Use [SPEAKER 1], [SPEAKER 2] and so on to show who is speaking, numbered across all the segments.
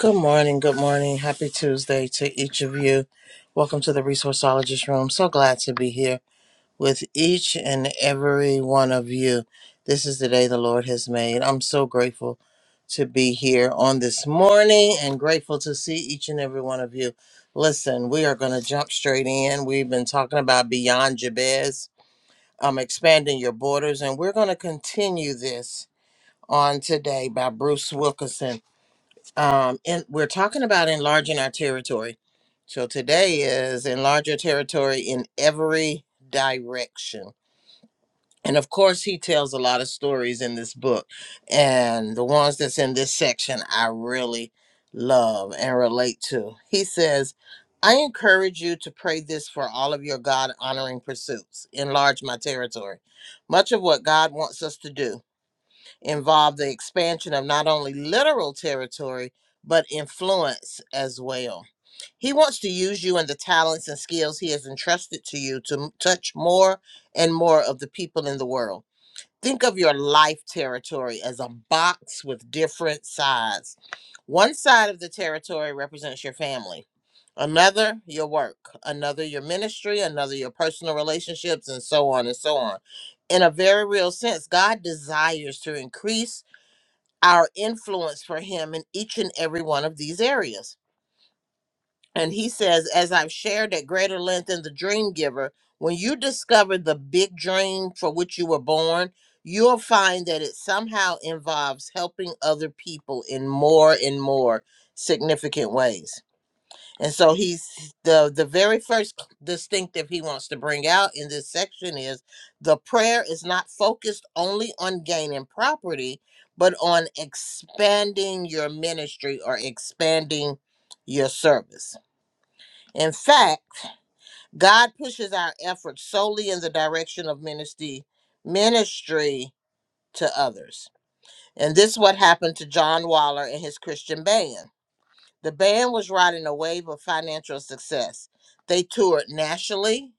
[SPEAKER 1] Good morning. Good morning. Happy Tuesday to each of you. Welcome to the Resourceologist Room. So glad to be here with each and every one of you. This is the day the Lord has made. I'm so grateful to be here on this morning and grateful to see each and every one of you. Listen, we are going to jump straight in. We've been talking about Beyond Jabez, um, expanding your borders, and we're going to continue this on today by Bruce Wilkinson um and we're talking about enlarging our territory so today is enlarge your territory in every direction and of course he tells a lot of stories in this book and the ones that's in this section i really love and relate to he says i encourage you to pray this for all of your god honoring pursuits enlarge my territory much of what god wants us to do involve the expansion of not only literal territory, but influence as well. He wants to use you and the talents and skills he has entrusted to you to m- touch more and more of the people in the world. Think of your life territory as a box with different sides. One side of the territory represents your family, another, your work, another, your ministry, another, your personal relationships, and so on and so on in a very real sense, God desires to increase our influence for him in each and every one of these areas. And he says, as I've shared at greater length in The Dream Giver, when you discover the big dream for which you were born, you'll find that it somehow involves helping other people in more and more significant ways. And so he's the the very first c- distinctive he wants to bring out in this section is the prayer is not focused only on gaining property, but on expanding your ministry or expanding your service. In fact, God pushes our efforts solely in the direction of ministry ministry to others. And this is what happened to John Waller and his Christian band. The band was riding a wave of financial success. They toured nationally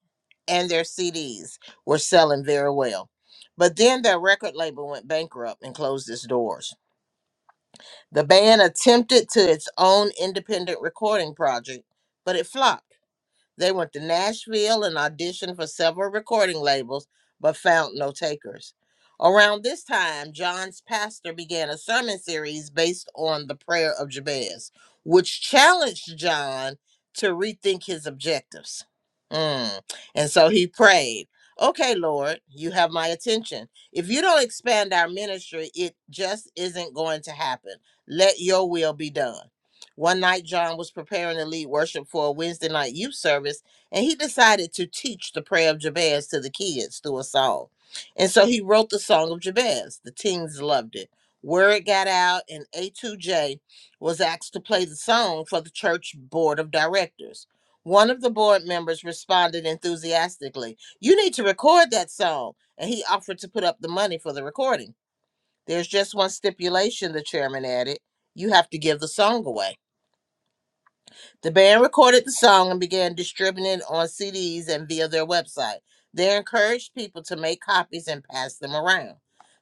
[SPEAKER 1] and their CDs were selling very well. But then their record label went bankrupt and closed its doors. The band attempted to its own independent recording project, but it flopped. They went to Nashville and auditioned for several recording labels, but found no takers. Around this time, John's pastor began a sermon series based on the prayer of Jabez, which challenged John to rethink his objectives. Mm. And so he prayed, Okay, Lord, you have my attention. If you don't expand our ministry, it just isn't going to happen. Let your will be done. One night, John was preparing to lead worship for a Wednesday night youth service, and he decided to teach the prayer of Jabez to the kids through a song. And so he wrote the song of Jabez. The teens loved it. Word got out, and A2J was asked to play the song for the church board of directors. One of the board members responded enthusiastically, You need to record that song. And he offered to put up the money for the recording. There's just one stipulation, the chairman added you have to give the song away. The band recorded the song and began distributing it on CDs and via their website. They encouraged people to make copies and pass them around.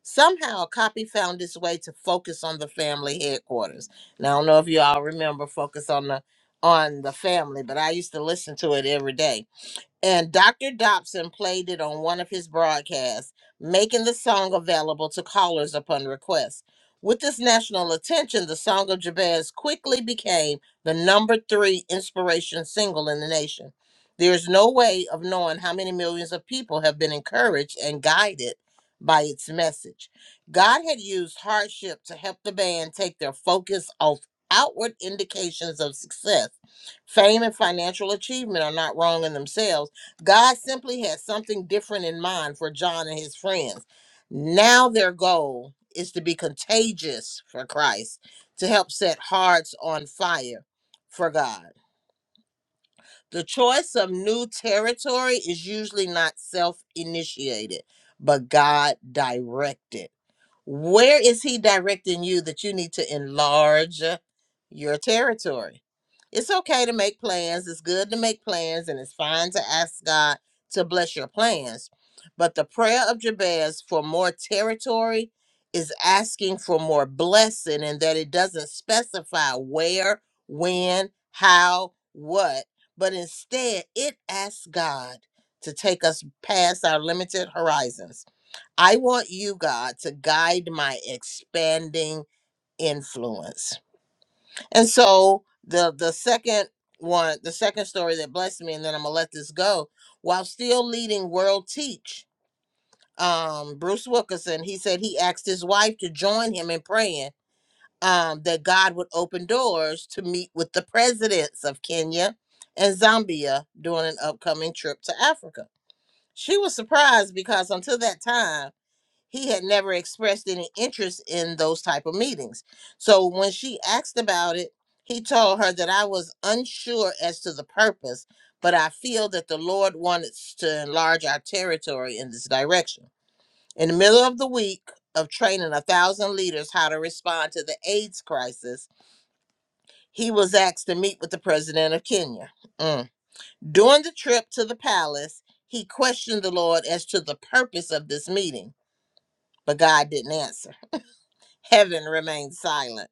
[SPEAKER 1] Somehow, a copy found its way to Focus on the Family headquarters. Now, I don't know if you all remember Focus on the on the Family, but I used to listen to it every day and Dr. Dobson played it on one of his broadcasts, making the song available to callers upon request. With this national attention, the Song of Jabez quickly became the number three inspiration single in the nation. There is no way of knowing how many millions of people have been encouraged and guided by its message. God had used hardship to help the band take their focus off outward indications of success. Fame and financial achievement are not wrong in themselves God simply had something different in mind for John and his friends. Now their goal is to be contagious for Christ, to help set hearts on fire for God. The choice of new territory is usually not self initiated, but God directed. Where is he directing you that you need to enlarge your territory? It's okay to make plans. It's good to make plans, and it's fine to ask God to bless your plans. But the prayer of Jabez for more territory is asking for more blessing, and that it doesn't specify where, when, how, what, but instead it asks God to take us past our limited horizons I want you, God, to guide my expanding influence. And so the the second one, the second story that blessed me, and then I'm gonna let this go. While still leading World Teach, um, Bruce Wilkerson, he said he asked his wife to join him in praying um, that God would open doors to meet with the presidents of Kenya and Zambia during an upcoming trip to Africa. She was surprised because until that time he had never expressed any interest in those type of meetings so when she asked about it he told her that i was unsure as to the purpose but i feel that the lord wanted to enlarge our territory in this direction in the middle of the week of training a thousand leaders how to respond to the aids crisis he was asked to meet with the president of kenya Mm. during the trip to the palace he questioned the lord as to the purpose of this meeting but god didn't answer Heaven remained silent.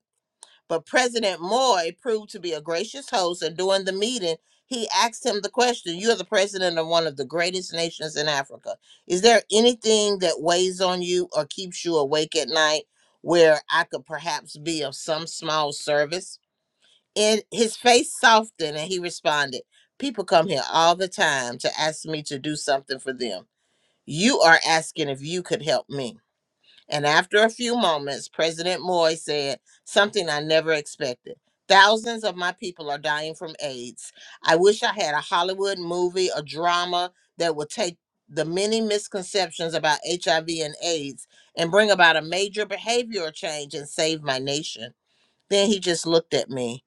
[SPEAKER 1] But President Moy proved to be a gracious host, and during the meeting, he asked him the question You're the president of one of the greatest nations in Africa. Is there anything that weighs on you or keeps you awake at night where I could perhaps be of some small service? And his face softened, and he responded People come here all the time to ask me to do something for them. You are asking if you could help me. And after a few moments, President Moy said something I never expected. Thousands of my people are dying from AIDS. I wish I had a Hollywood movie, a drama that would take the many misconceptions about HIV and AIDS and bring about a major behavioral change and save my nation. Then he just looked at me,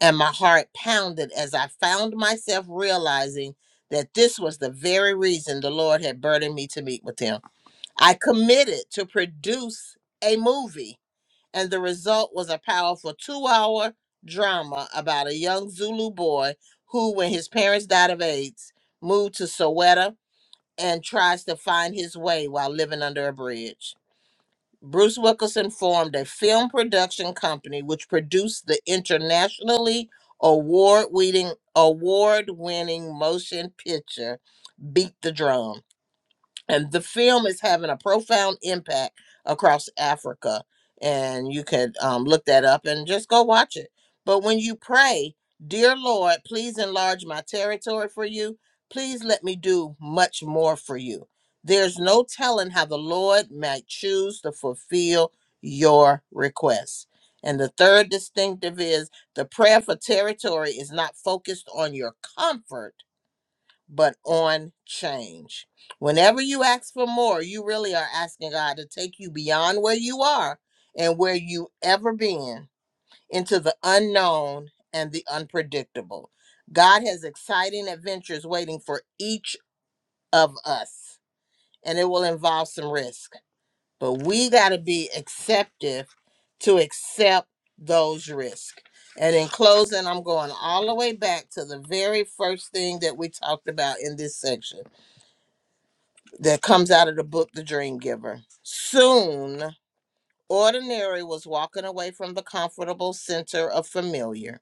[SPEAKER 1] and my heart pounded as I found myself realizing that this was the very reason the Lord had burdened me to meet with him. I committed to produce a movie, and the result was a powerful two hour drama about a young Zulu boy who, when his parents died of AIDS, moved to Soweto and tries to find his way while living under a bridge. Bruce Wilkinson formed a film production company which produced the internationally award-winning award-winning motion picture Beat the Drum and the film is having a profound impact across Africa. And you could um, look that up and just go watch it. But when you pray, Dear Lord, please enlarge my territory for you. Please let me do much more for you. There's no telling how the Lord might choose to fulfill your requests. And the third distinctive is the prayer for territory is not focused on your comfort but on change. Whenever you ask for more, you really are asking God to take you beyond where you are and where you ever been into the unknown and the unpredictable. God has exciting adventures waiting for each of us, and it will involve some risk. But we got to be receptive to accept those risks. And in closing, I'm going all the way back to the very first thing that we talked about in this section that comes out of the book The Dream Giver. Soon, Ordinary was walking away from the comfortable center of familiar,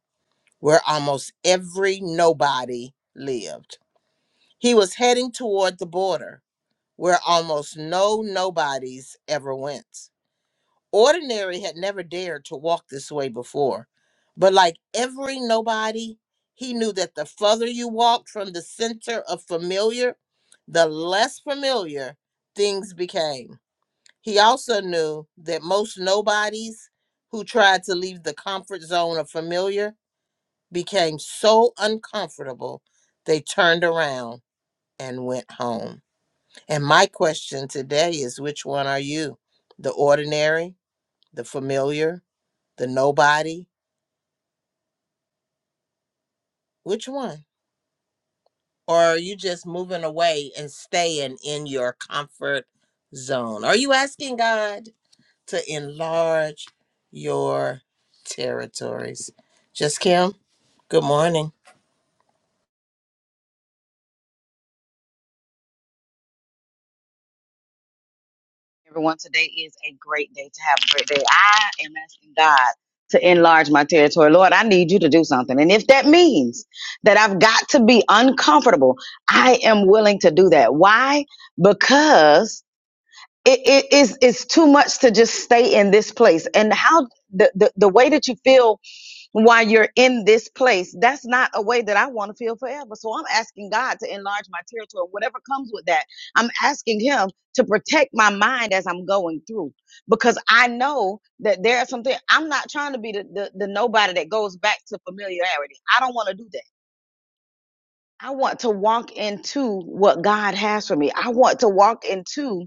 [SPEAKER 1] where almost every nobody lived. He was heading toward the border, where almost no nobodies ever went. Ordinary had never dared to walk this way before, but like every nobody, he knew that the further you walked from the center of familiar, the less familiar things became. He also knew that most nobodies who tried to leave the comfort zone of familiar became so uncomfortable they turned around and went home. And my question today is which one are you? The ordinary, the familiar, the nobody? Which one? Or are you just moving away and staying in your comfort zone? Are you asking God? to enlarge your territories. Just Kim, good morning.
[SPEAKER 2] Everyone, today is a great day to have a great day. I am asking God to enlarge my territory. Lord, I need you to do something. And if that means that I've got to be uncomfortable, I am willing to do that. Why? Because it, it is it's it's too much to just stay in this place. And how the, the, the way that you feel while you're in this place. That's not a way that I want to feel forever. So I'm asking God to enlarge my territory, whatever comes with that. I'm asking Him to protect my mind as I'm going through because I know that there are some things. I'm not trying to be the, the, the nobody that goes back to familiarity. I don't want to do that. I want to walk into what God has for me. I want to walk into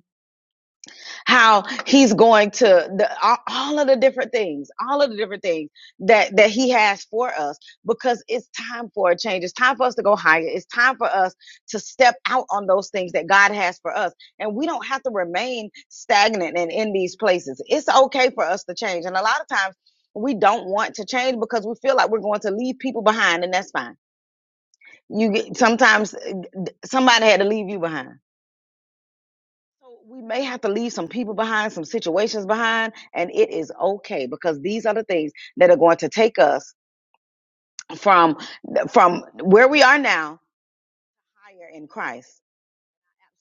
[SPEAKER 2] how he's going to the all all of the different things all of the different things that that he has for us because it's time for a change it's time for us to go higher it's time for us to step out on those things that god has for us and we don't have to remain stagnant and in these places it's okay for us to change and a lot of times we don't want to change because we feel like we're going to leave people behind and that's fine you get sometimes uh, somebody had to leave you behind so we may have to leave some people behind, some situations behind, and it is okay because these are the things that are going to take us from from where we are now higher in Christ.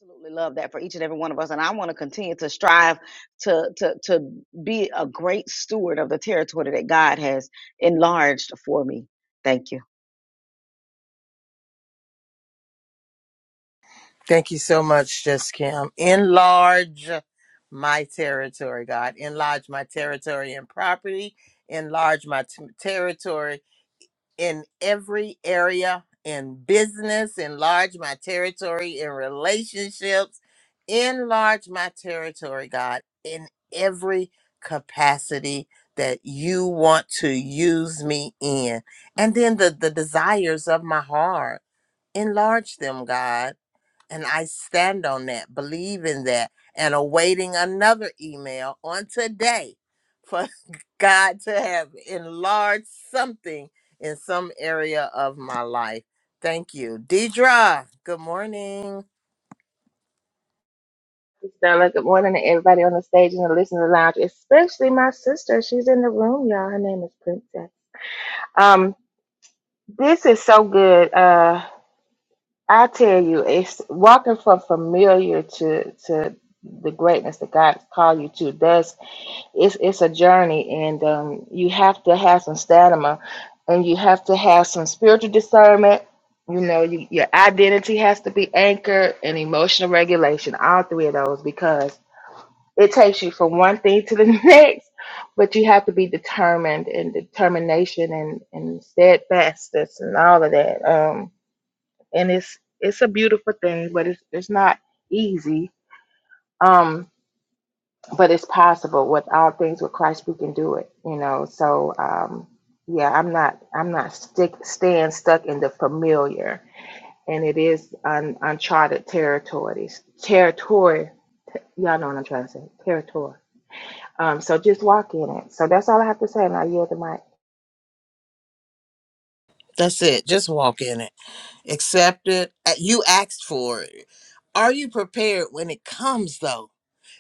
[SPEAKER 2] Absolutely love that for each and every one of us, and I want to continue to strive to to to be a great steward of the territory that God has enlarged for me. Thank you.
[SPEAKER 1] Thank you so much, Just Kim. Enlarge my territory, God. Enlarge my territory and property. Enlarge my t- territory in every area in business, enlarge my territory in relationships, enlarge my territory, God, in every capacity that you want to use me in. And then the, the desires of my heart, enlarge them, God and I stand on that, believe in that, and awaiting another email on today for God to have enlarged something in some area of my life. Thank you. Deidra, good morning.
[SPEAKER 3] Stella, good morning to everybody on the stage and the listener lounge, especially my sister. She's in the room, y'all. Her name is Princess. Um, this is so good. Uh, I tell you, it's walking from familiar to to the greatness that God's called you to. Does it's it's a journey, and um, you have to have some stamina, and you have to have some spiritual discernment. You know, you, your identity has to be anchored and emotional regulation. All three of those, because it takes you from one thing to the next, but you have to be determined and determination and, and steadfastness and all of that. Um, and it's it's a beautiful thing, but it's it's not easy. Um, but it's possible. With all things with Christ, we can do it. You know. So um, yeah, I'm not I'm not stick staying stuck in the familiar, and it is un, uncharted territories territory. Y'all know what I'm trying to say. Territory um, so just walk in it. So that's all I have to say, and I yield the mic.
[SPEAKER 1] That's it. Just walk in it. accept it. Uh, You asked for it. Are you prepared when it comes, though?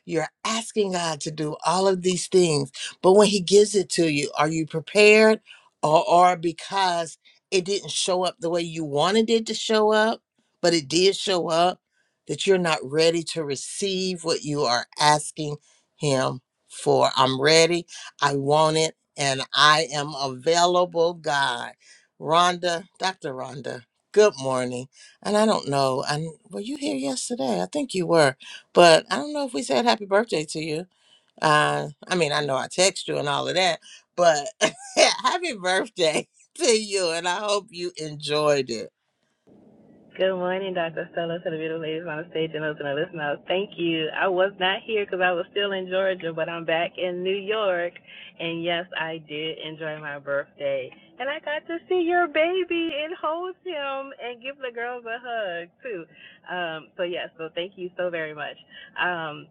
[SPEAKER 1] You're asking God to do all of these things, but when He gives it to you, are you prepared or, or because it didn't show up the way you wanted it to show up, but it did show up, that you're not ready to receive what you are asking Him for? I'm ready, I want it, and I am available, God. Rhonda, Dr. Rhonda. Good morning. And I don't know. And were you here yesterday? I think you were, but I don't know if we said happy birthday to you. Uh, I mean, I know I text you and all of that, but happy birthday to you. And I hope you enjoyed it.
[SPEAKER 4] Good morning, Dr. Stella, to the beautiful ladies on the stage and those in the listening house. Thank you. I was not here because I was still in Georgia, but I'm back in New York. And yes, I did enjoy my birthday. And I got to see your baby and hold him and give the girls a hug, too. Um, so, yes, so thank you so very much. Um,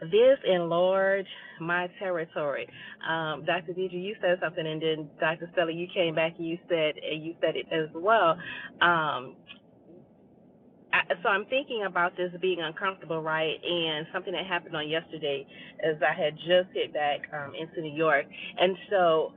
[SPEAKER 4] this enlarged my territory. Um, Dr. Deidre, you said something, and then Dr. Stella, you came back and you said, and you said it as well. Um, I, so I'm thinking about this being uncomfortable, right? And something that happened on yesterday is I had just hit back um, into New York, and so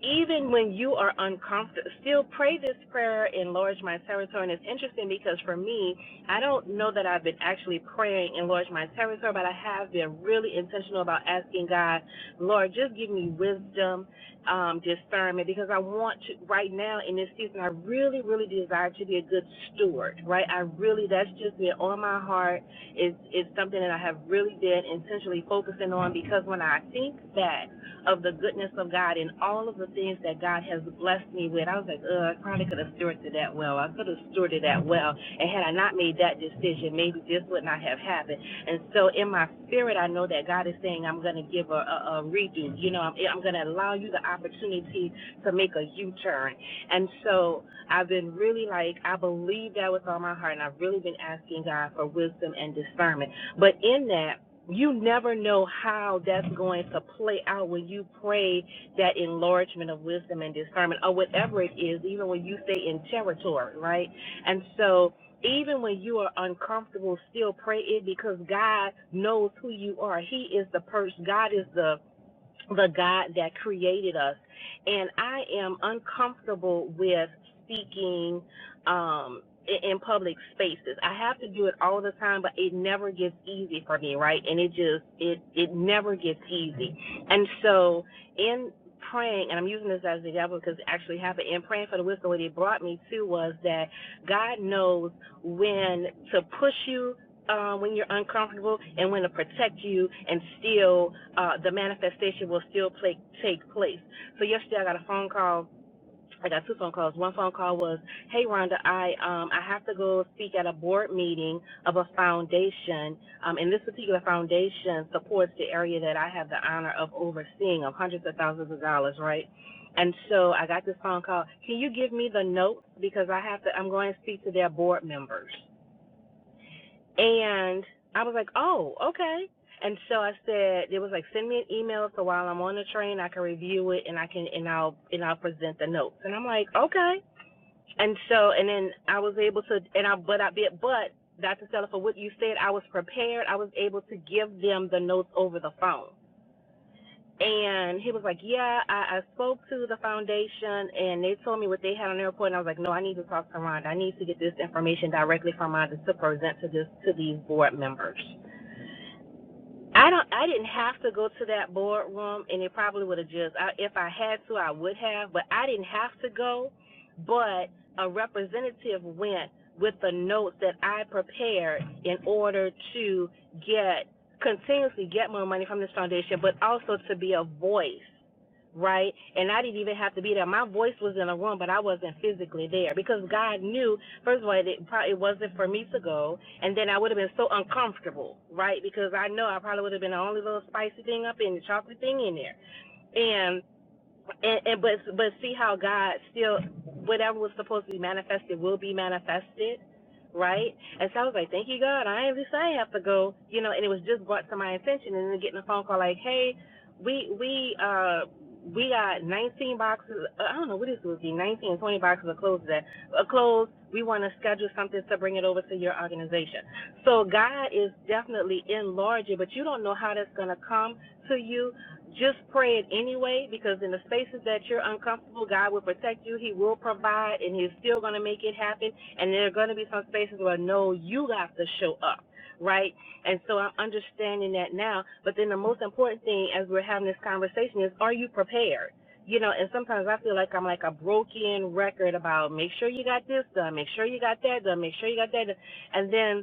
[SPEAKER 4] even when you are uncomfortable, still pray this prayer, enlarge my territory. And it's interesting because for me, I don't know that I've been actually praying enlarge my territory, but I have been really intentional about asking God, Lord, just give me wisdom um, discernment because I want to right now in this season. I really, really desire to be a good steward, right? I really that's just been on my heart. It's it's something that I have really been intentionally focusing on because when I think back of the goodness of God and all of the things that God has blessed me with, I was like, Ugh, I probably could have stewarded that well. I could have stewarded that well, and had I not made that decision, maybe this would not have happened. And so in my spirit, I know that God is saying, I'm going to give a, a, a redo. You know, I'm, I'm going to allow you the opportunity to make a U turn. And so I've been really like, I believe that with all my heart, and I've really been asking God for wisdom and discernment. But in that, you never know how that's going to play out when you pray that enlargement of wisdom and discernment, or whatever it is, even when you stay in territory, right? And so even when you are uncomfortable, still pray it because God knows who you are. He is the person. God is the the God that created us. And I am uncomfortable with speaking um, i- in public spaces. I have to do it all the time, but it never gets easy for me, right? And it just it it never gets easy. And so in praying, and I'm using this as an example because it actually happened. In praying for the wisdom, what it brought me to was that God knows when to push you uh, when you're uncomfortable and when to protect you and still uh, the manifestation will still play, take place. So yesterday I got a phone call. I got two phone calls. One phone call was, "Hey Rhonda, I um I have to go speak at a board meeting of a foundation. Um, and this particular foundation supports the area that I have the honor of overseeing of hundreds of thousands of dollars, right? And so I got this phone call. Can you give me the notes because I have to? I'm going to speak to their board members. And I was like, oh, okay. And so I said, it was like, send me an email so while I'm on the train, I can review it and I can, and I'll, and I'll present the notes. And I'm like, okay. And so, and then I was able to, and I, but I did, but Dr. Stella, for what you said, I was prepared. I was able to give them the notes over the phone. And he was like, yeah, I, I spoke to the foundation and they told me what they had on their report. And I was like, no, I need to talk to Rhonda. I need to get this information directly from Rhonda to present to this, to these board members. I don't. I didn't have to go to that boardroom, and it probably would have just. I, if I had to, I would have, but I didn't have to go. But a representative went with the notes that I prepared in order to get continuously get more money from this foundation, but also to be a voice, right? And I didn't even have to be there. My voice was in a room, but I wasn't physically there because God knew First of all, it probably wasn't for me to go, and then I would have been so uncomfortable, right? Because I know I probably would have been the only little spicy thing up in the chocolate thing in there, and and, and but but see how God still whatever was supposed to be manifested will be manifested, right? And so I was like, thank you God, I ain't least I have to go, you know. And it was just brought to my attention, and then getting a phone call like, hey, we we uh we got 19 boxes. uh, I don't know what this would be, 19 twenty boxes of clothes that uh, clothes. We want to schedule something to bring it over to your organization. So God is definitely enlarging, but you don't know how that's gonna come to you just pray it anyway because in the spaces that you're uncomfortable, God will protect you. He will provide and He's still going to make it happen. And there are going to be some spaces where no, you got to show up, right? And so I'm understanding that now. But then the most important thing as we're having this conversation is are you prepared? You know, and sometimes I feel like I'm like a broken record about make sure you got this done, make sure you got that done, make sure you got that done. And then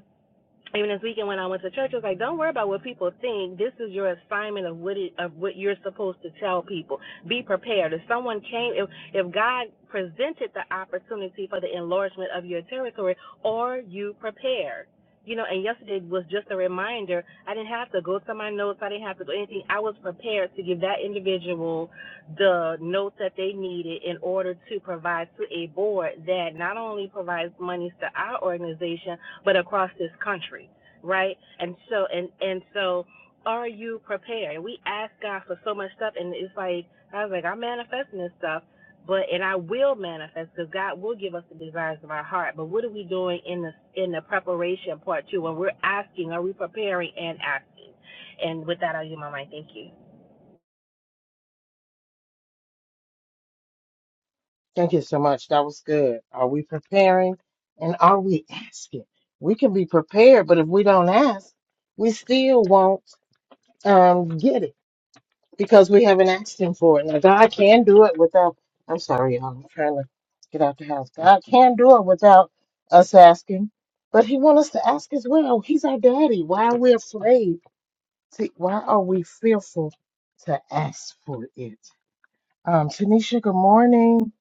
[SPEAKER 4] even this weekend when I went to church, I was like, don't worry about what people think. This is your assignment of what it, of what you're supposed to tell people. Be prepared. If someone came, if if God presented the opportunity for the enlargement of your territory, are you prepared? You know, and yesterday was just a reminder. I didn't have to go to my notes. I didn't have to do anything. I was prepared to give that individual the notes that they needed in order to provide to a board that not only provides monies to our organization, but across this country, right? And so and and so are you prepared? we ask God for so much stuff and it's like I was like, I'm manifesting this stuff but and I will manifest because God will give us the desires of our heart. But what are we doing in the in the preparation part two? When we're asking, are we preparing and asking? And with that I'll use my mind. Thank you.
[SPEAKER 1] Thank you so much. That was good. Are we preparing and are we asking? We can be prepared, but if we don't ask, we still won't um, get it. because we haven't asked him for it. Now, God can do it without, I'm sorry, y'all, I'm trying to get out the house. God can do it without us asking, but he wants us to ask as well. He's our daddy. Why are we afraid? To, why are we fearful to ask for it? Um, Tanisha, good morning.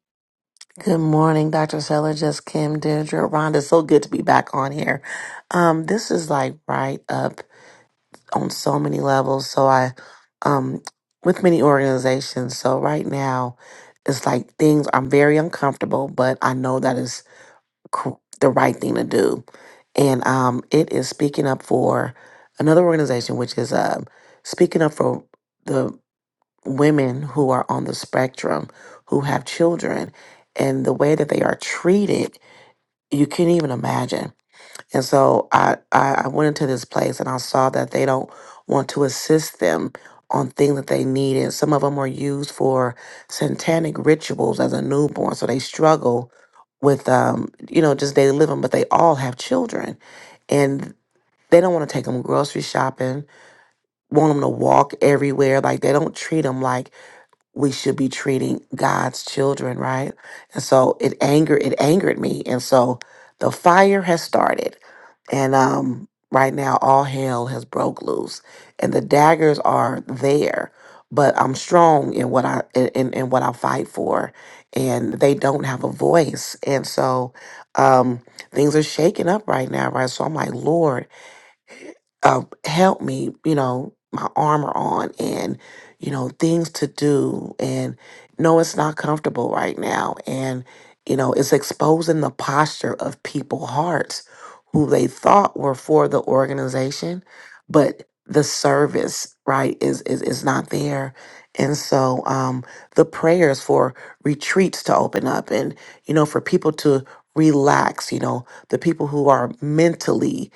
[SPEAKER 5] Good morning, Dr. Seller, just Kim, Deirdre, Rhonda. So good to be back on here. Um, this is like right up on so many levels. So I, um, with many organizations. So right now, it's like things I'm very uncomfortable, but I know that is cr- the right thing to do, and um, it is speaking up for another organization, which is um, speaking up for the women who are on the spectrum who have children and the way that they are treated you can't even imagine and so I, I i went into this place and i saw that they don't want to assist them on things that they need and some of them were used for satanic rituals as a newborn so they struggle with um you know just daily living but they all have children and they don't want to take them grocery shopping want them to walk everywhere like they don't treat them like we should be treating God's children, right? And so it angered it angered me. And so the fire has started. And um right now all hell has broke loose. And the daggers are there, but I'm strong in what I in, in what I fight for. And they don't have a voice. And so um things are shaking up right now, right? So I'm like, Lord, uh, help me, you know, my armor on and, you know, things to do. And no, it's not comfortable right now. And, you know, it's exposing the posture of people hearts who they thought were for the organization, but the service, right, is is, is not there. And so um, the prayers for retreats to open up and, you know, for people to relax, you know, the people who are mentally,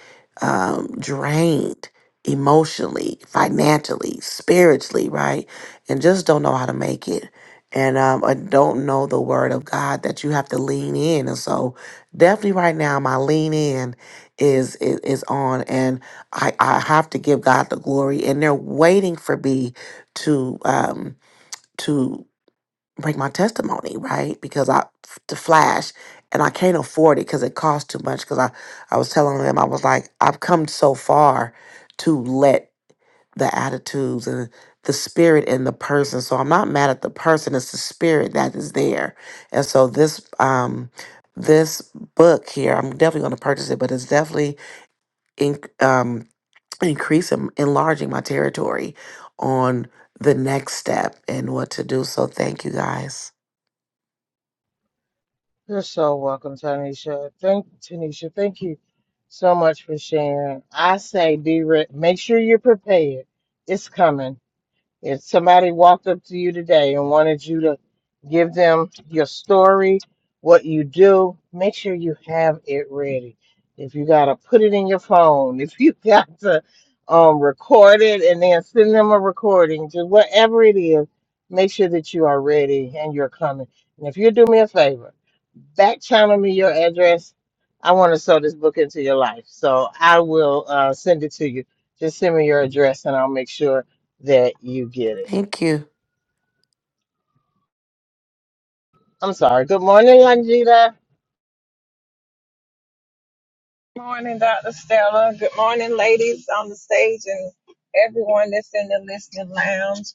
[SPEAKER 5] um, drained emotionally, financially, spiritually, right? And just don't know how to make it. And um, I don't know the word of God that you have to lean in. And so, definitely right now, my lean in is is, is on, and I, I have to give God the glory. And they're waiting for me to um, to break my testimony, right? Because I to flash and I can't afford it because it costs too much. Because I, I was telling them, I was like, I've come so far to let the attitudes and the spirit in the person. So I'm not mad at the person, it's the spirit that is there. And so this um this book here, I'm definitely going to purchase it, but it's definitely in, um increasing enlarging my territory on the next step and what to do. So thank you guys.
[SPEAKER 1] You're so welcome, Tanisha. Thank Tanisha. Thank you so much for sharing. I say, be re- make sure you're prepared. It's coming If somebody walked up to you today and wanted you to give them your story, what you do, make sure you have it ready. If you got to put it in your phone, if you got to um, record it and then send them a recording, just whatever it is, make sure that you are ready and you're coming. And if you do me a favor, back channel me your address. I want to sew this book into your life. So I will uh, send it to you. Just send me your address and I'll make sure that you get it.
[SPEAKER 5] Thank you.
[SPEAKER 1] I'm sorry. Good morning, Lanjita.
[SPEAKER 6] morning, Dr. Stella. Good morning, ladies on the stage and everyone that's in the listening lounge.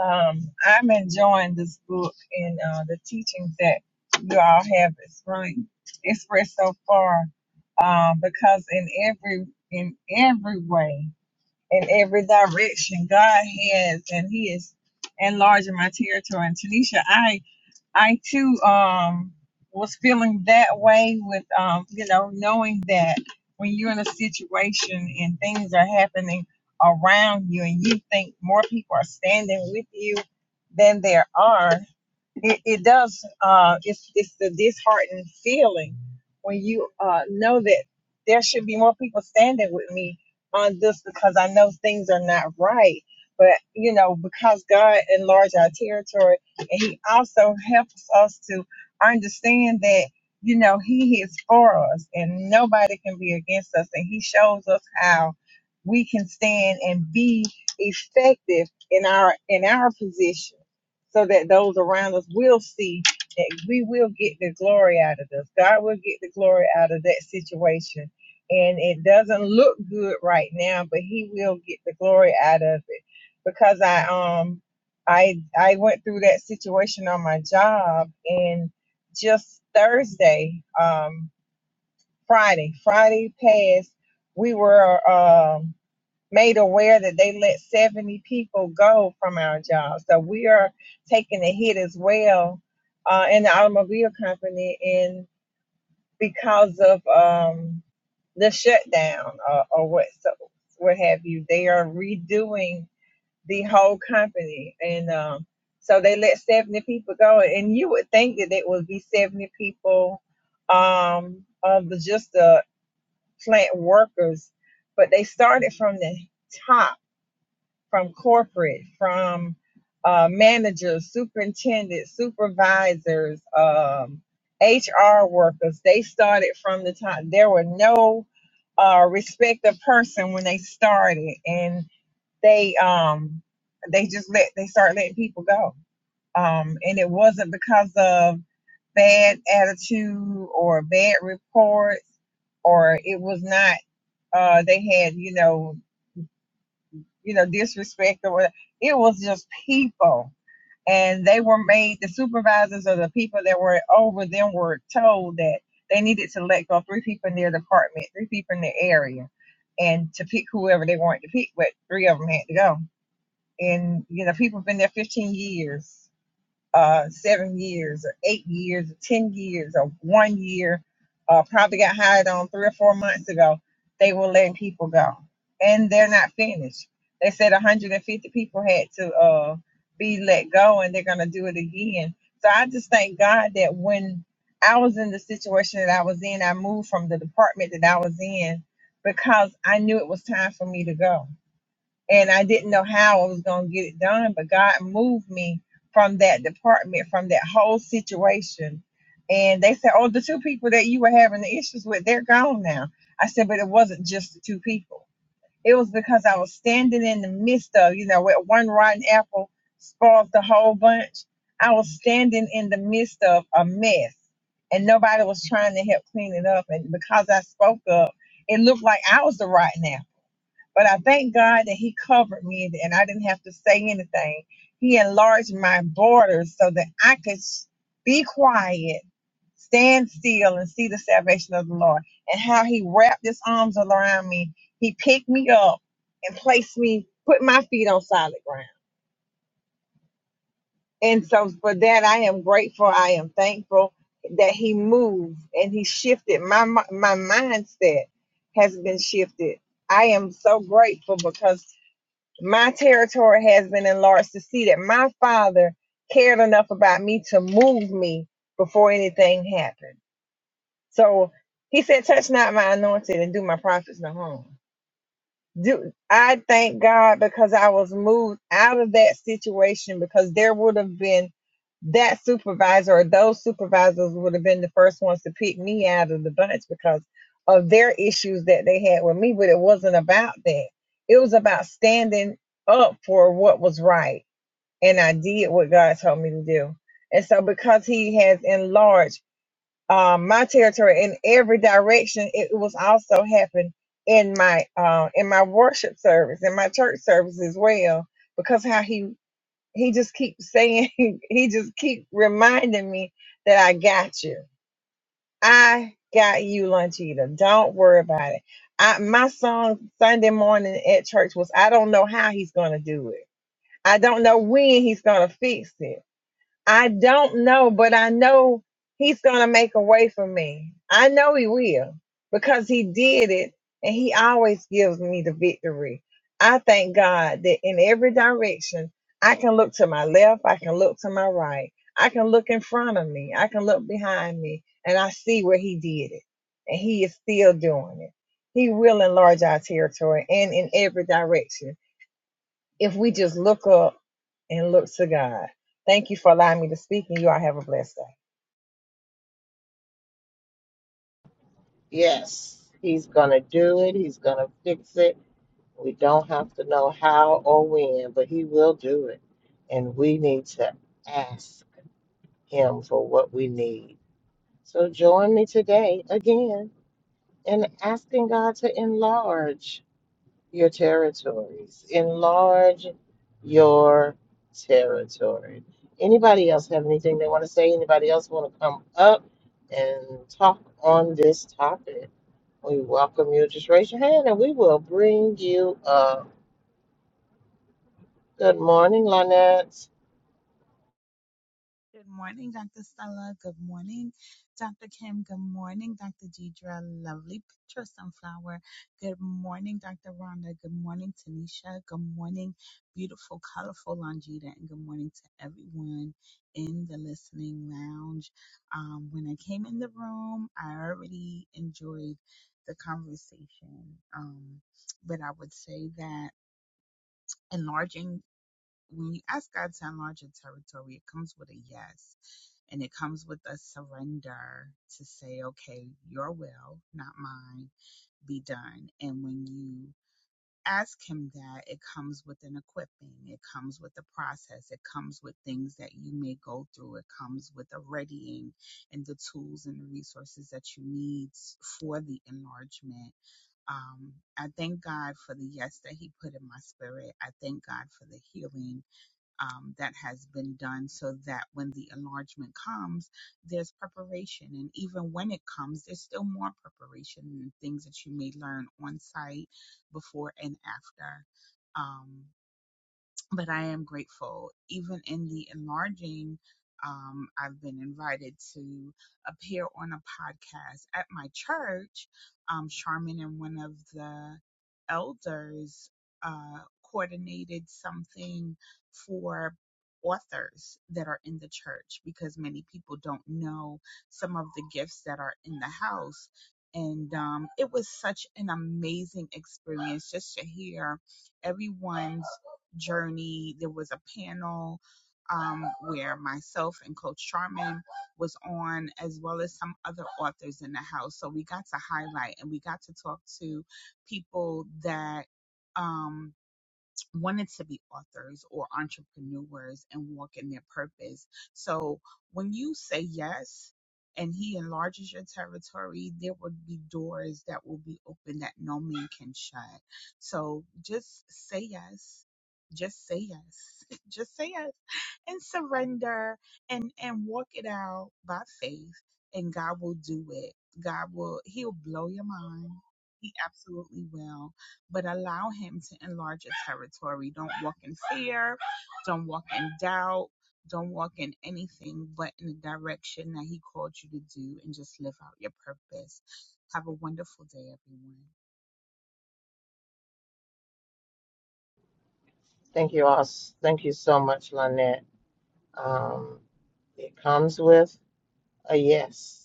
[SPEAKER 6] Um, I'm enjoying this book and uh, the teachings that you all have is really expressed so far. Um, because in every in every way, in every direction, God has and He is enlarging my territory. And Tanisha, I I too um was feeling that way with um you know knowing that when you're in a situation and things are happening around you and you think more people are standing with you than there are it, it does uh it's it's the disheartening feeling when you uh know that there should be more people standing with me on this because I know things are not right. But you know, because God enlarged our territory and He also helps us to understand that, you know, He is for us and nobody can be against us and He shows us how we can stand and be effective in our in our position so that those around us will see that we will get the glory out of this. God will get the glory out of that situation. And it doesn't look good right now, but he will get the glory out of it. Because I um I I went through that situation on my job and just Thursday, um Friday, Friday past, we were um made aware that they let 70 people go from our jobs. So we are taking a hit as well uh, in the automobile company and because of um, the shutdown or, or what so what have you. They are redoing the whole company and um, so they let 70 people go and you would think that it would be 70 people um, of the just the plant workers but they started from the top from corporate, from uh, managers, superintendents, supervisors, um, HR workers. They started from the top. There were no uh, respect of person when they started, and they um, they just let they start letting people go. Um, and it wasn't because of bad attitude or bad reports, or it was not. Uh, they had you know you know, disrespect or whatever. It was just people. And they were made, the supervisors or the people that were over them were told that they needed to let go three people in their department, three people in their area, and to pick whoever they wanted to pick, but three of them had to go. And, you know, people have been there 15 years uh, seven years or eight years or 10 years or one year, uh, probably got hired on three or four months ago, they were letting people go. And they're not finished. They said 150 people had to uh, be let go and they're going to do it again. So I just thank God that when I was in the situation that I was in, I moved from the department that I was in because I knew it was time for me to go and I didn't know how I was going to get it done, but God moved me from that department, from that whole situation. And they said, Oh, the two people that you were having the issues with, they're gone now. I said, But it wasn't just the two people. It was because I was standing in the midst of, you know, where one rotten apple spoils the whole bunch. I was standing in the midst of a mess and nobody was trying to help clean it up. And because I spoke up, it looked like I was the rotten apple but I thank God that He covered me and I didn't have to say anything. He enlarged my borders so that I could s- be quiet, stand still, and see the salvation of the Lord. And how He wrapped His arms around me. He picked me up and placed me, put my feet on solid ground. And so for that, I am grateful. I am thankful that He moved and He shifted. My, mi- my mindset has been shifted. I am so grateful because my territory has been enlarged to see that my father cared enough about me to move me before anything happened. So he said, Touch not my anointed and do my prophets no harm do I thank God because I was moved out of that situation because there would have been that supervisor or those supervisors would have been the first ones to pick me out of the bunch because of their issues that they had with me, but it wasn't about that. It was about standing up for what was right. And I did what God told me to do. And so because he has enlarged um, my territory in every direction. It was also happened in my uh, in my worship service, in my church service as well, because how he he just keeps saying, he just keep reminding me that I got you. I got you, Lunchita. Don't worry about it. I, my song Sunday morning at church was, I don't know how he's gonna do it. I don't know when he's gonna fix it. I don't know, but I know he's going to make a way for me. I know he will because he did it and he always gives me the victory. I thank God that in every direction, I can look to my left, I can look to my right, I can look in front of me, I can look behind me, and I see where he did it. And he is still doing it. He will enlarge our territory and in every direction if we just look up and look to God. Thank you for allowing me to speak, and you all have a blessed day.
[SPEAKER 1] Yes, he's going to do it. He's going to fix it. We don't have to know how or when, but he will do it. And we need to ask him for what we need. So join me today again in asking God to enlarge. your territories. Enlarge your territory. Anybody else have anything they want to say? Anybody else want to come up and talk on this topic? We welcome you. Just raise your hand and we will bring you up. Good morning, Lynette.
[SPEAKER 7] Good morning, Dr. Stella. Good morning, Dr. Kim. Good morning, Dr. Deidre. Lovely picture, sunflower. Good morning, Dr. Rhonda. Good morning, Tanisha. Good morning, beautiful, colorful Longita. And good morning to everyone in the listening lounge. Um, when I came in the room, I already enjoyed the conversation. Um, but I would say that enlarging when you ask God to enlarge your territory, it comes with a yes. And it comes with a surrender to say, okay, your will, not mine, be done. And when you ask Him that, it comes with an equipping, it comes with a process, it comes with things that you may go through, it comes with a readying and the tools and the resources that you need for the enlargement um, I thank God for the yes that He put in my spirit. I thank God for the healing um, that has been done so that when the enlargement comes, there's preparation. And even when it comes, there's still more preparation and things that you may learn on site before and after. Um, but I am grateful. Even in the enlarging, um, I've been invited to appear on a podcast at my church. Um, Charmin and one of the elders uh, coordinated something for authors that are in the church because many people don't know some of the gifts that are in the house. And um, it was such an amazing experience just to hear everyone's journey. There was a panel um, where myself and Coach Charmin was on, as well as some other authors in the house. So we got to highlight and we got to talk to people that. Um, wanted to be authors or entrepreneurs and walk in their purpose. So when you say yes and he enlarges your territory, there would be doors that will be open that no man can shut. So just say yes. Just say yes. Just say yes and surrender and and walk it out by faith and God will do it. God will he'll blow your mind. He absolutely will. But allow him to enlarge your territory. Don't walk in fear. Don't walk in doubt. Don't walk in anything but in the direction that he called you to do and just live out your purpose. Have a wonderful day, everyone.
[SPEAKER 1] Thank you all. s- Thank you so much, Lynette. Um, it comes with a yes.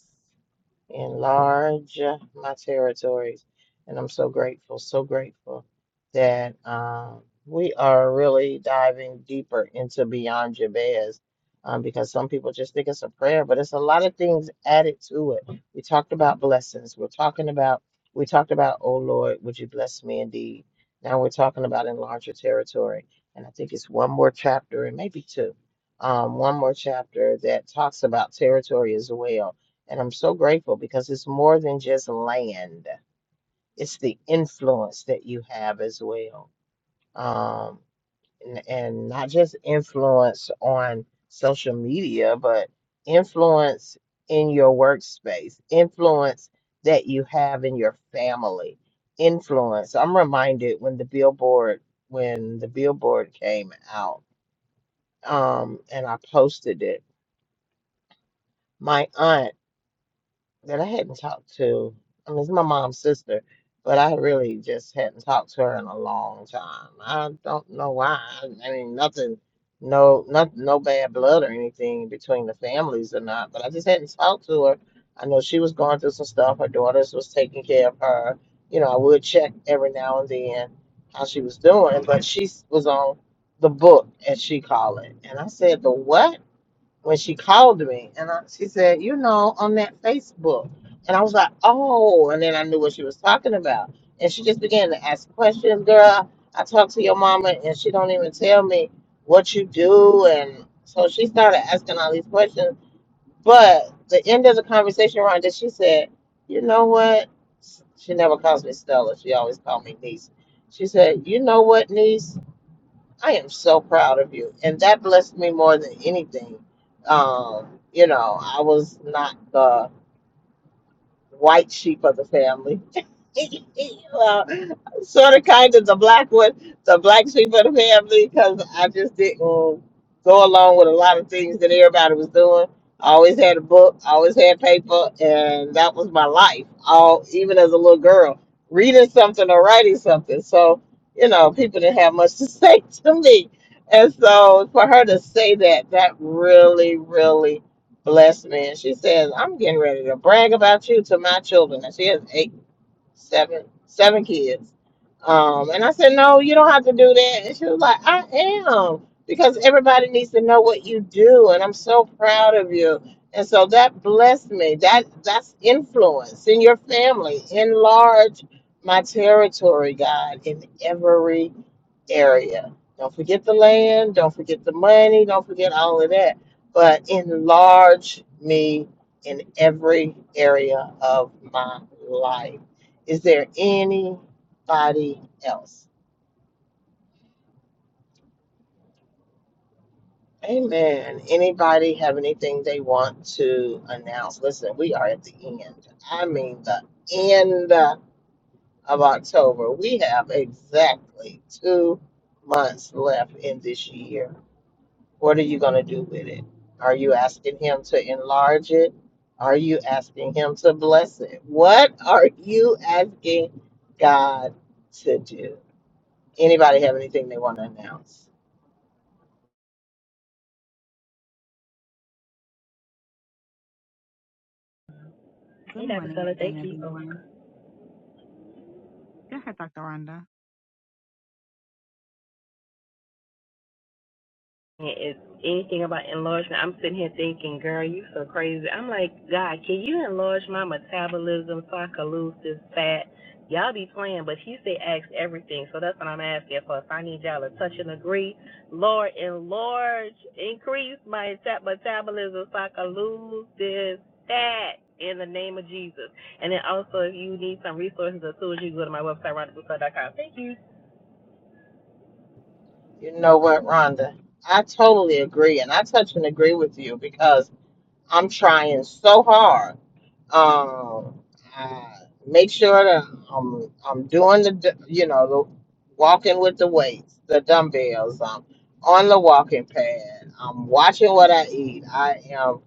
[SPEAKER 1] enlarge my territories. And I'm so grateful, so grateful that um, we are really diving deeper into Beyond Jabez um, because some people just think it's a prayer, but it's a lot of things added to it. We talked about blessings. We're talking about, we talked about, oh Lord, would you bless me indeed? Now we're talking about enlarge your territory. And I think it's one more chapter and maybe two. Um, one more chapter that talks about territory as well and I'm so grateful because it's more than just land, it's the influence that you have as well. Um, and, and not just influence on social media, but influence in your workspace, influence that you have in your family, influence. I'm reminded when the billboard when the billboard came out um, and I posted it. My aunt that I hadn't talked to. I mean, it's my mom's sister, but I really just hadn't talked to her in a long time. I don't know why. I mean, nothing, no, not, no bad blood or anything between the families or not, but I just hadn't talked to her. I know she was going through some stuff. Her daughters was taking care of her. You know, I would check every now and then how she was doing, but she was on the book, as she called it. And I said, the what? when she called me and I, she said, you know, on that Facebook. And I was like, oh, and then I knew what she was talking about. And she just began to ask questions, girl. I talked to your mama and she don't even tell me what you do. And so she started asking all these questions. But the end of the conversation, Rhonda, she said, you know what? She never calls me Stella. She always called me niece. She said, you know what, niece? I am so proud of you. And that blessed me more than anything. Um, you know, I was not the white sheep of the family. well, sort of, kind of the black one, the black sheep of the family, because I just didn't go along with a lot of things that everybody was doing. I always had a book, I always had paper, and that was my life. All even as a little girl, reading something or writing something. So you know, people didn't have much to say to me, and so for her to say that, that really, really blessed man. She says, I'm getting ready to brag about you to my children. And she has eight, seven, seven kids. Um, and I said, No, you don't have to do that. And she was like, I am, because everybody needs to know what you do, and I'm so proud of you. And so that blessed me. That that's influence in your family. Enlarge my territory, God, in every area. Don't forget the land, don't forget the money, don't forget all of that, but enlarge me in every area of my life. Is there anybody else? Amen. Anybody have anything they want to announce? Listen, we are at the end. I mean, the end of October. We have exactly two months left in this year What are you going to do with it? Are you asking Him to enlarge it? Are you asking Him to bless it? What are you asking God to do? Anybody have anything they want to announce?
[SPEAKER 7] Good
[SPEAKER 4] Hey Dr.
[SPEAKER 7] morning
[SPEAKER 4] Stella,
[SPEAKER 7] again,
[SPEAKER 4] thank you. Oh.
[SPEAKER 7] everyone. Go ahead, Dr. Rhonda.
[SPEAKER 4] Is anything about enlargement. I'm sitting here thinking, girl, you so crazy. I'm like, God, can you enlarge my metabolism so I can lose this fat? Y'all be playing, but he said ask everything. So that's what I'm asking for. If I need y'all to touch and agree, Lord, enlarge, increase my metabolism so I can lose this fat in the name of Jesus. And then also, if you need some resources or tools, you can go to my website, Rhonda Broussard dot com. Thank you.
[SPEAKER 1] You know what, Rhonda? I totally agree. And I touch and agree with you because I'm trying so hard Um, I make sure that I'm I'm doing the d- you know the walking with the weights, the dumbbells. I'm on the walking pad. I'm watching what I eat. I am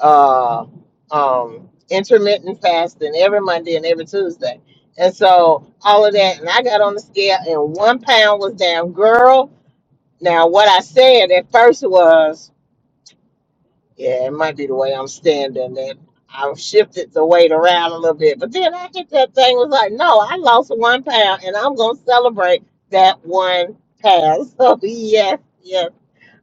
[SPEAKER 1] uh um intermittent fasting every Monday and every Tuesday. And so all of that, and I got on the scale, and one pound was down, girl. Now what I said at first was. Yeah, it might be the way I'm standing. And I've shifted the weight around a little bit. But then I think that thing was like, no, I lost one pound and I'm going to celebrate that one pound. So, yes, yes,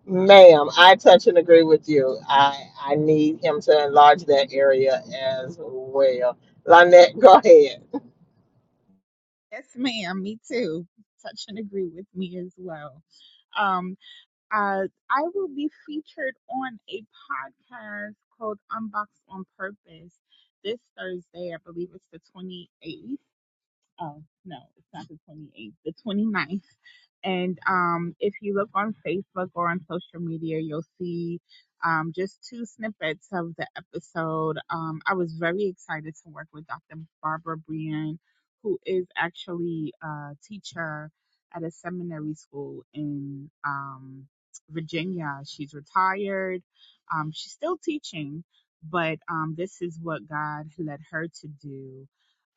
[SPEAKER 1] ma'am. I touch and agree with you. I, I need him to enlarge that area as well. Lynette, go ahead.
[SPEAKER 7] Yes, ma'am. Me too. Touch and agree with me as well. Um, uh, I will be featured on a podcast called Unboxed on Purpose this Thursday. I believe it's the 28th. Oh, no, it's not the 28th, the twenty ninth. And um, if you look on Facebook or on social media, you'll see um, just two snippets of the episode. Um, I was very excited to work with Dr. Barbara Brian, who is actually a teacher at a seminary school in um, Virginia. She's retired, um, she's still teaching. But um, this is what God led her to do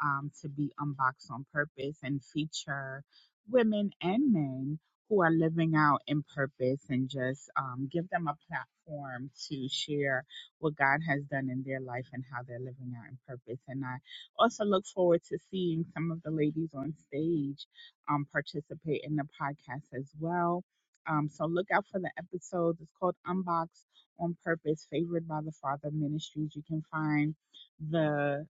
[SPEAKER 7] um, to be unboxed on purpose and feature women and men who are living out in purpose and just um, give them a platform to share what God has done in their life and how they're living out in purpose. And I also look forward to seeing some of the ladies on stage um, participate in the podcast as well. Um, so look out for the episodes. It's called Unboxed on Purpose, favored by the Father Ministries. You can find the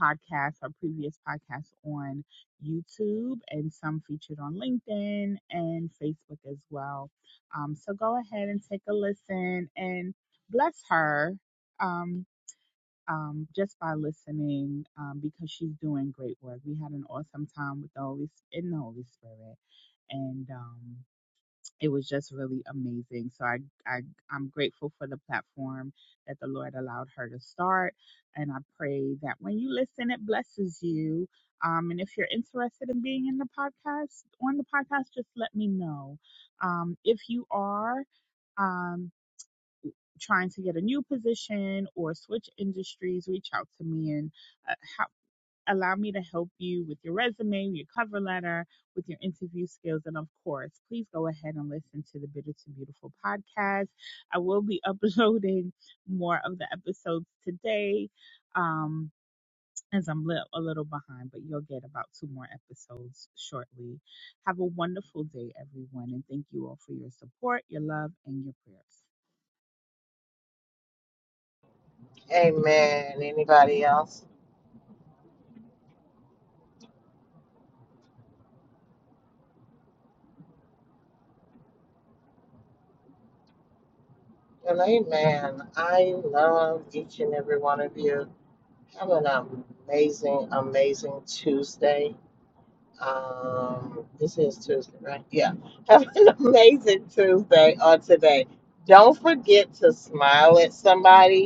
[SPEAKER 7] podcasts our previous podcasts on YouTube and some featured on LinkedIn and Facebook as well. Um, so go ahead and take a listen and bless her um, um, just by listening um, because she's doing great work. We had an awesome time with the Holy in the Holy Spirit, and um, it was just really amazing. So I, I I'm grateful for the platform that the Lord allowed her to start, and I pray that when you listen, it blesses you. Um, and if you're interested in being in the podcast on the podcast, just let me know. Um, if you are um trying to get a new position or switch industries, reach out to me and uh, how, allow me to help you with your resume, your cover letter, with your interview skills. And of course, please go ahead and listen to the Bitter to Beautiful podcast. I will be uploading more of the episodes today. Um, as I'm li- a little behind, but you'll get about two more episodes shortly. Have a wonderful day, everyone, and thank you all for your support, your love, and your prayers.
[SPEAKER 1] Amen. Anybody else? Well, amen. I love each and every one of you. Have an amazing, amazing Tuesday. um, this is Tuesday, right? Yeah. Have an amazing Tuesday or today. Don't forget to smile at somebody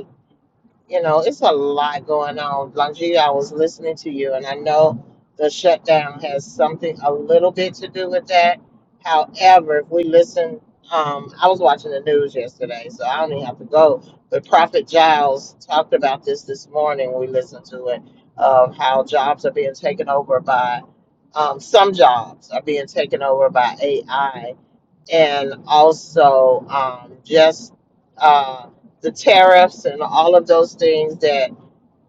[SPEAKER 1] you know, it's a lot going on. Longita, I was listening to you, and I know the shutdown has something a little bit to do with that. However, if we listen, um, I was watching the news yesterday, so I don't even have to go. But Prophet Giles talked about this this morning. when We listened to it of how jobs are being taken over by um, some jobs are being taken over by AI and also um, just uh, the tariffs and all of those things that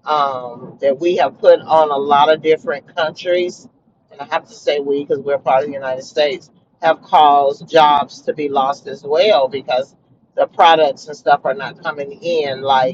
[SPEAKER 1] um, that we have put on a lot of different countries. And I have to say we, because we're part of the United States, have caused jobs to be lost as well because the products and stuff are not coming in. Like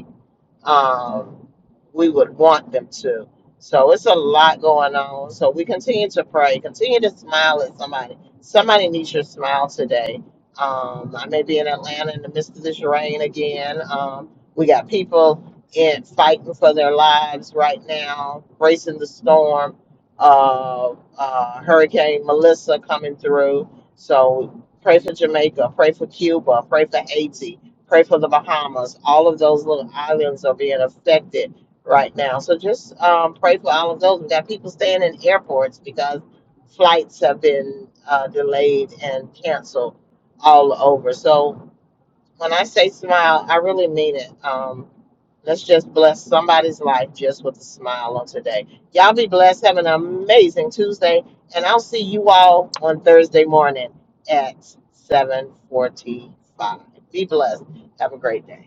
[SPEAKER 1] um, we would want them to. So it's a lot going on. So we continue to pray, continue to smile at somebody. Somebody needs your smile today. Um, I may be in Atlanta in the midst of this rain again. Um, we got people in fighting for their lives right now, bracing the storm. Uh, uh, Hurricane Melissa coming through. So pray for Jamaica, pray for Cuba, pray for Haiti pray for the Bahamas. All of those little islands are being affected right now. So just um, pray for all of those. We got people staying in airports because flights have been uh, delayed and canceled all over. So when I say smile, I really mean it. Um, Let's just bless somebody's life just with a smile on today. Y'all be blessed. Have an amazing Tuesday, and I'll see you all on Thursday morning at 7:45. Be blessed. Have a great day.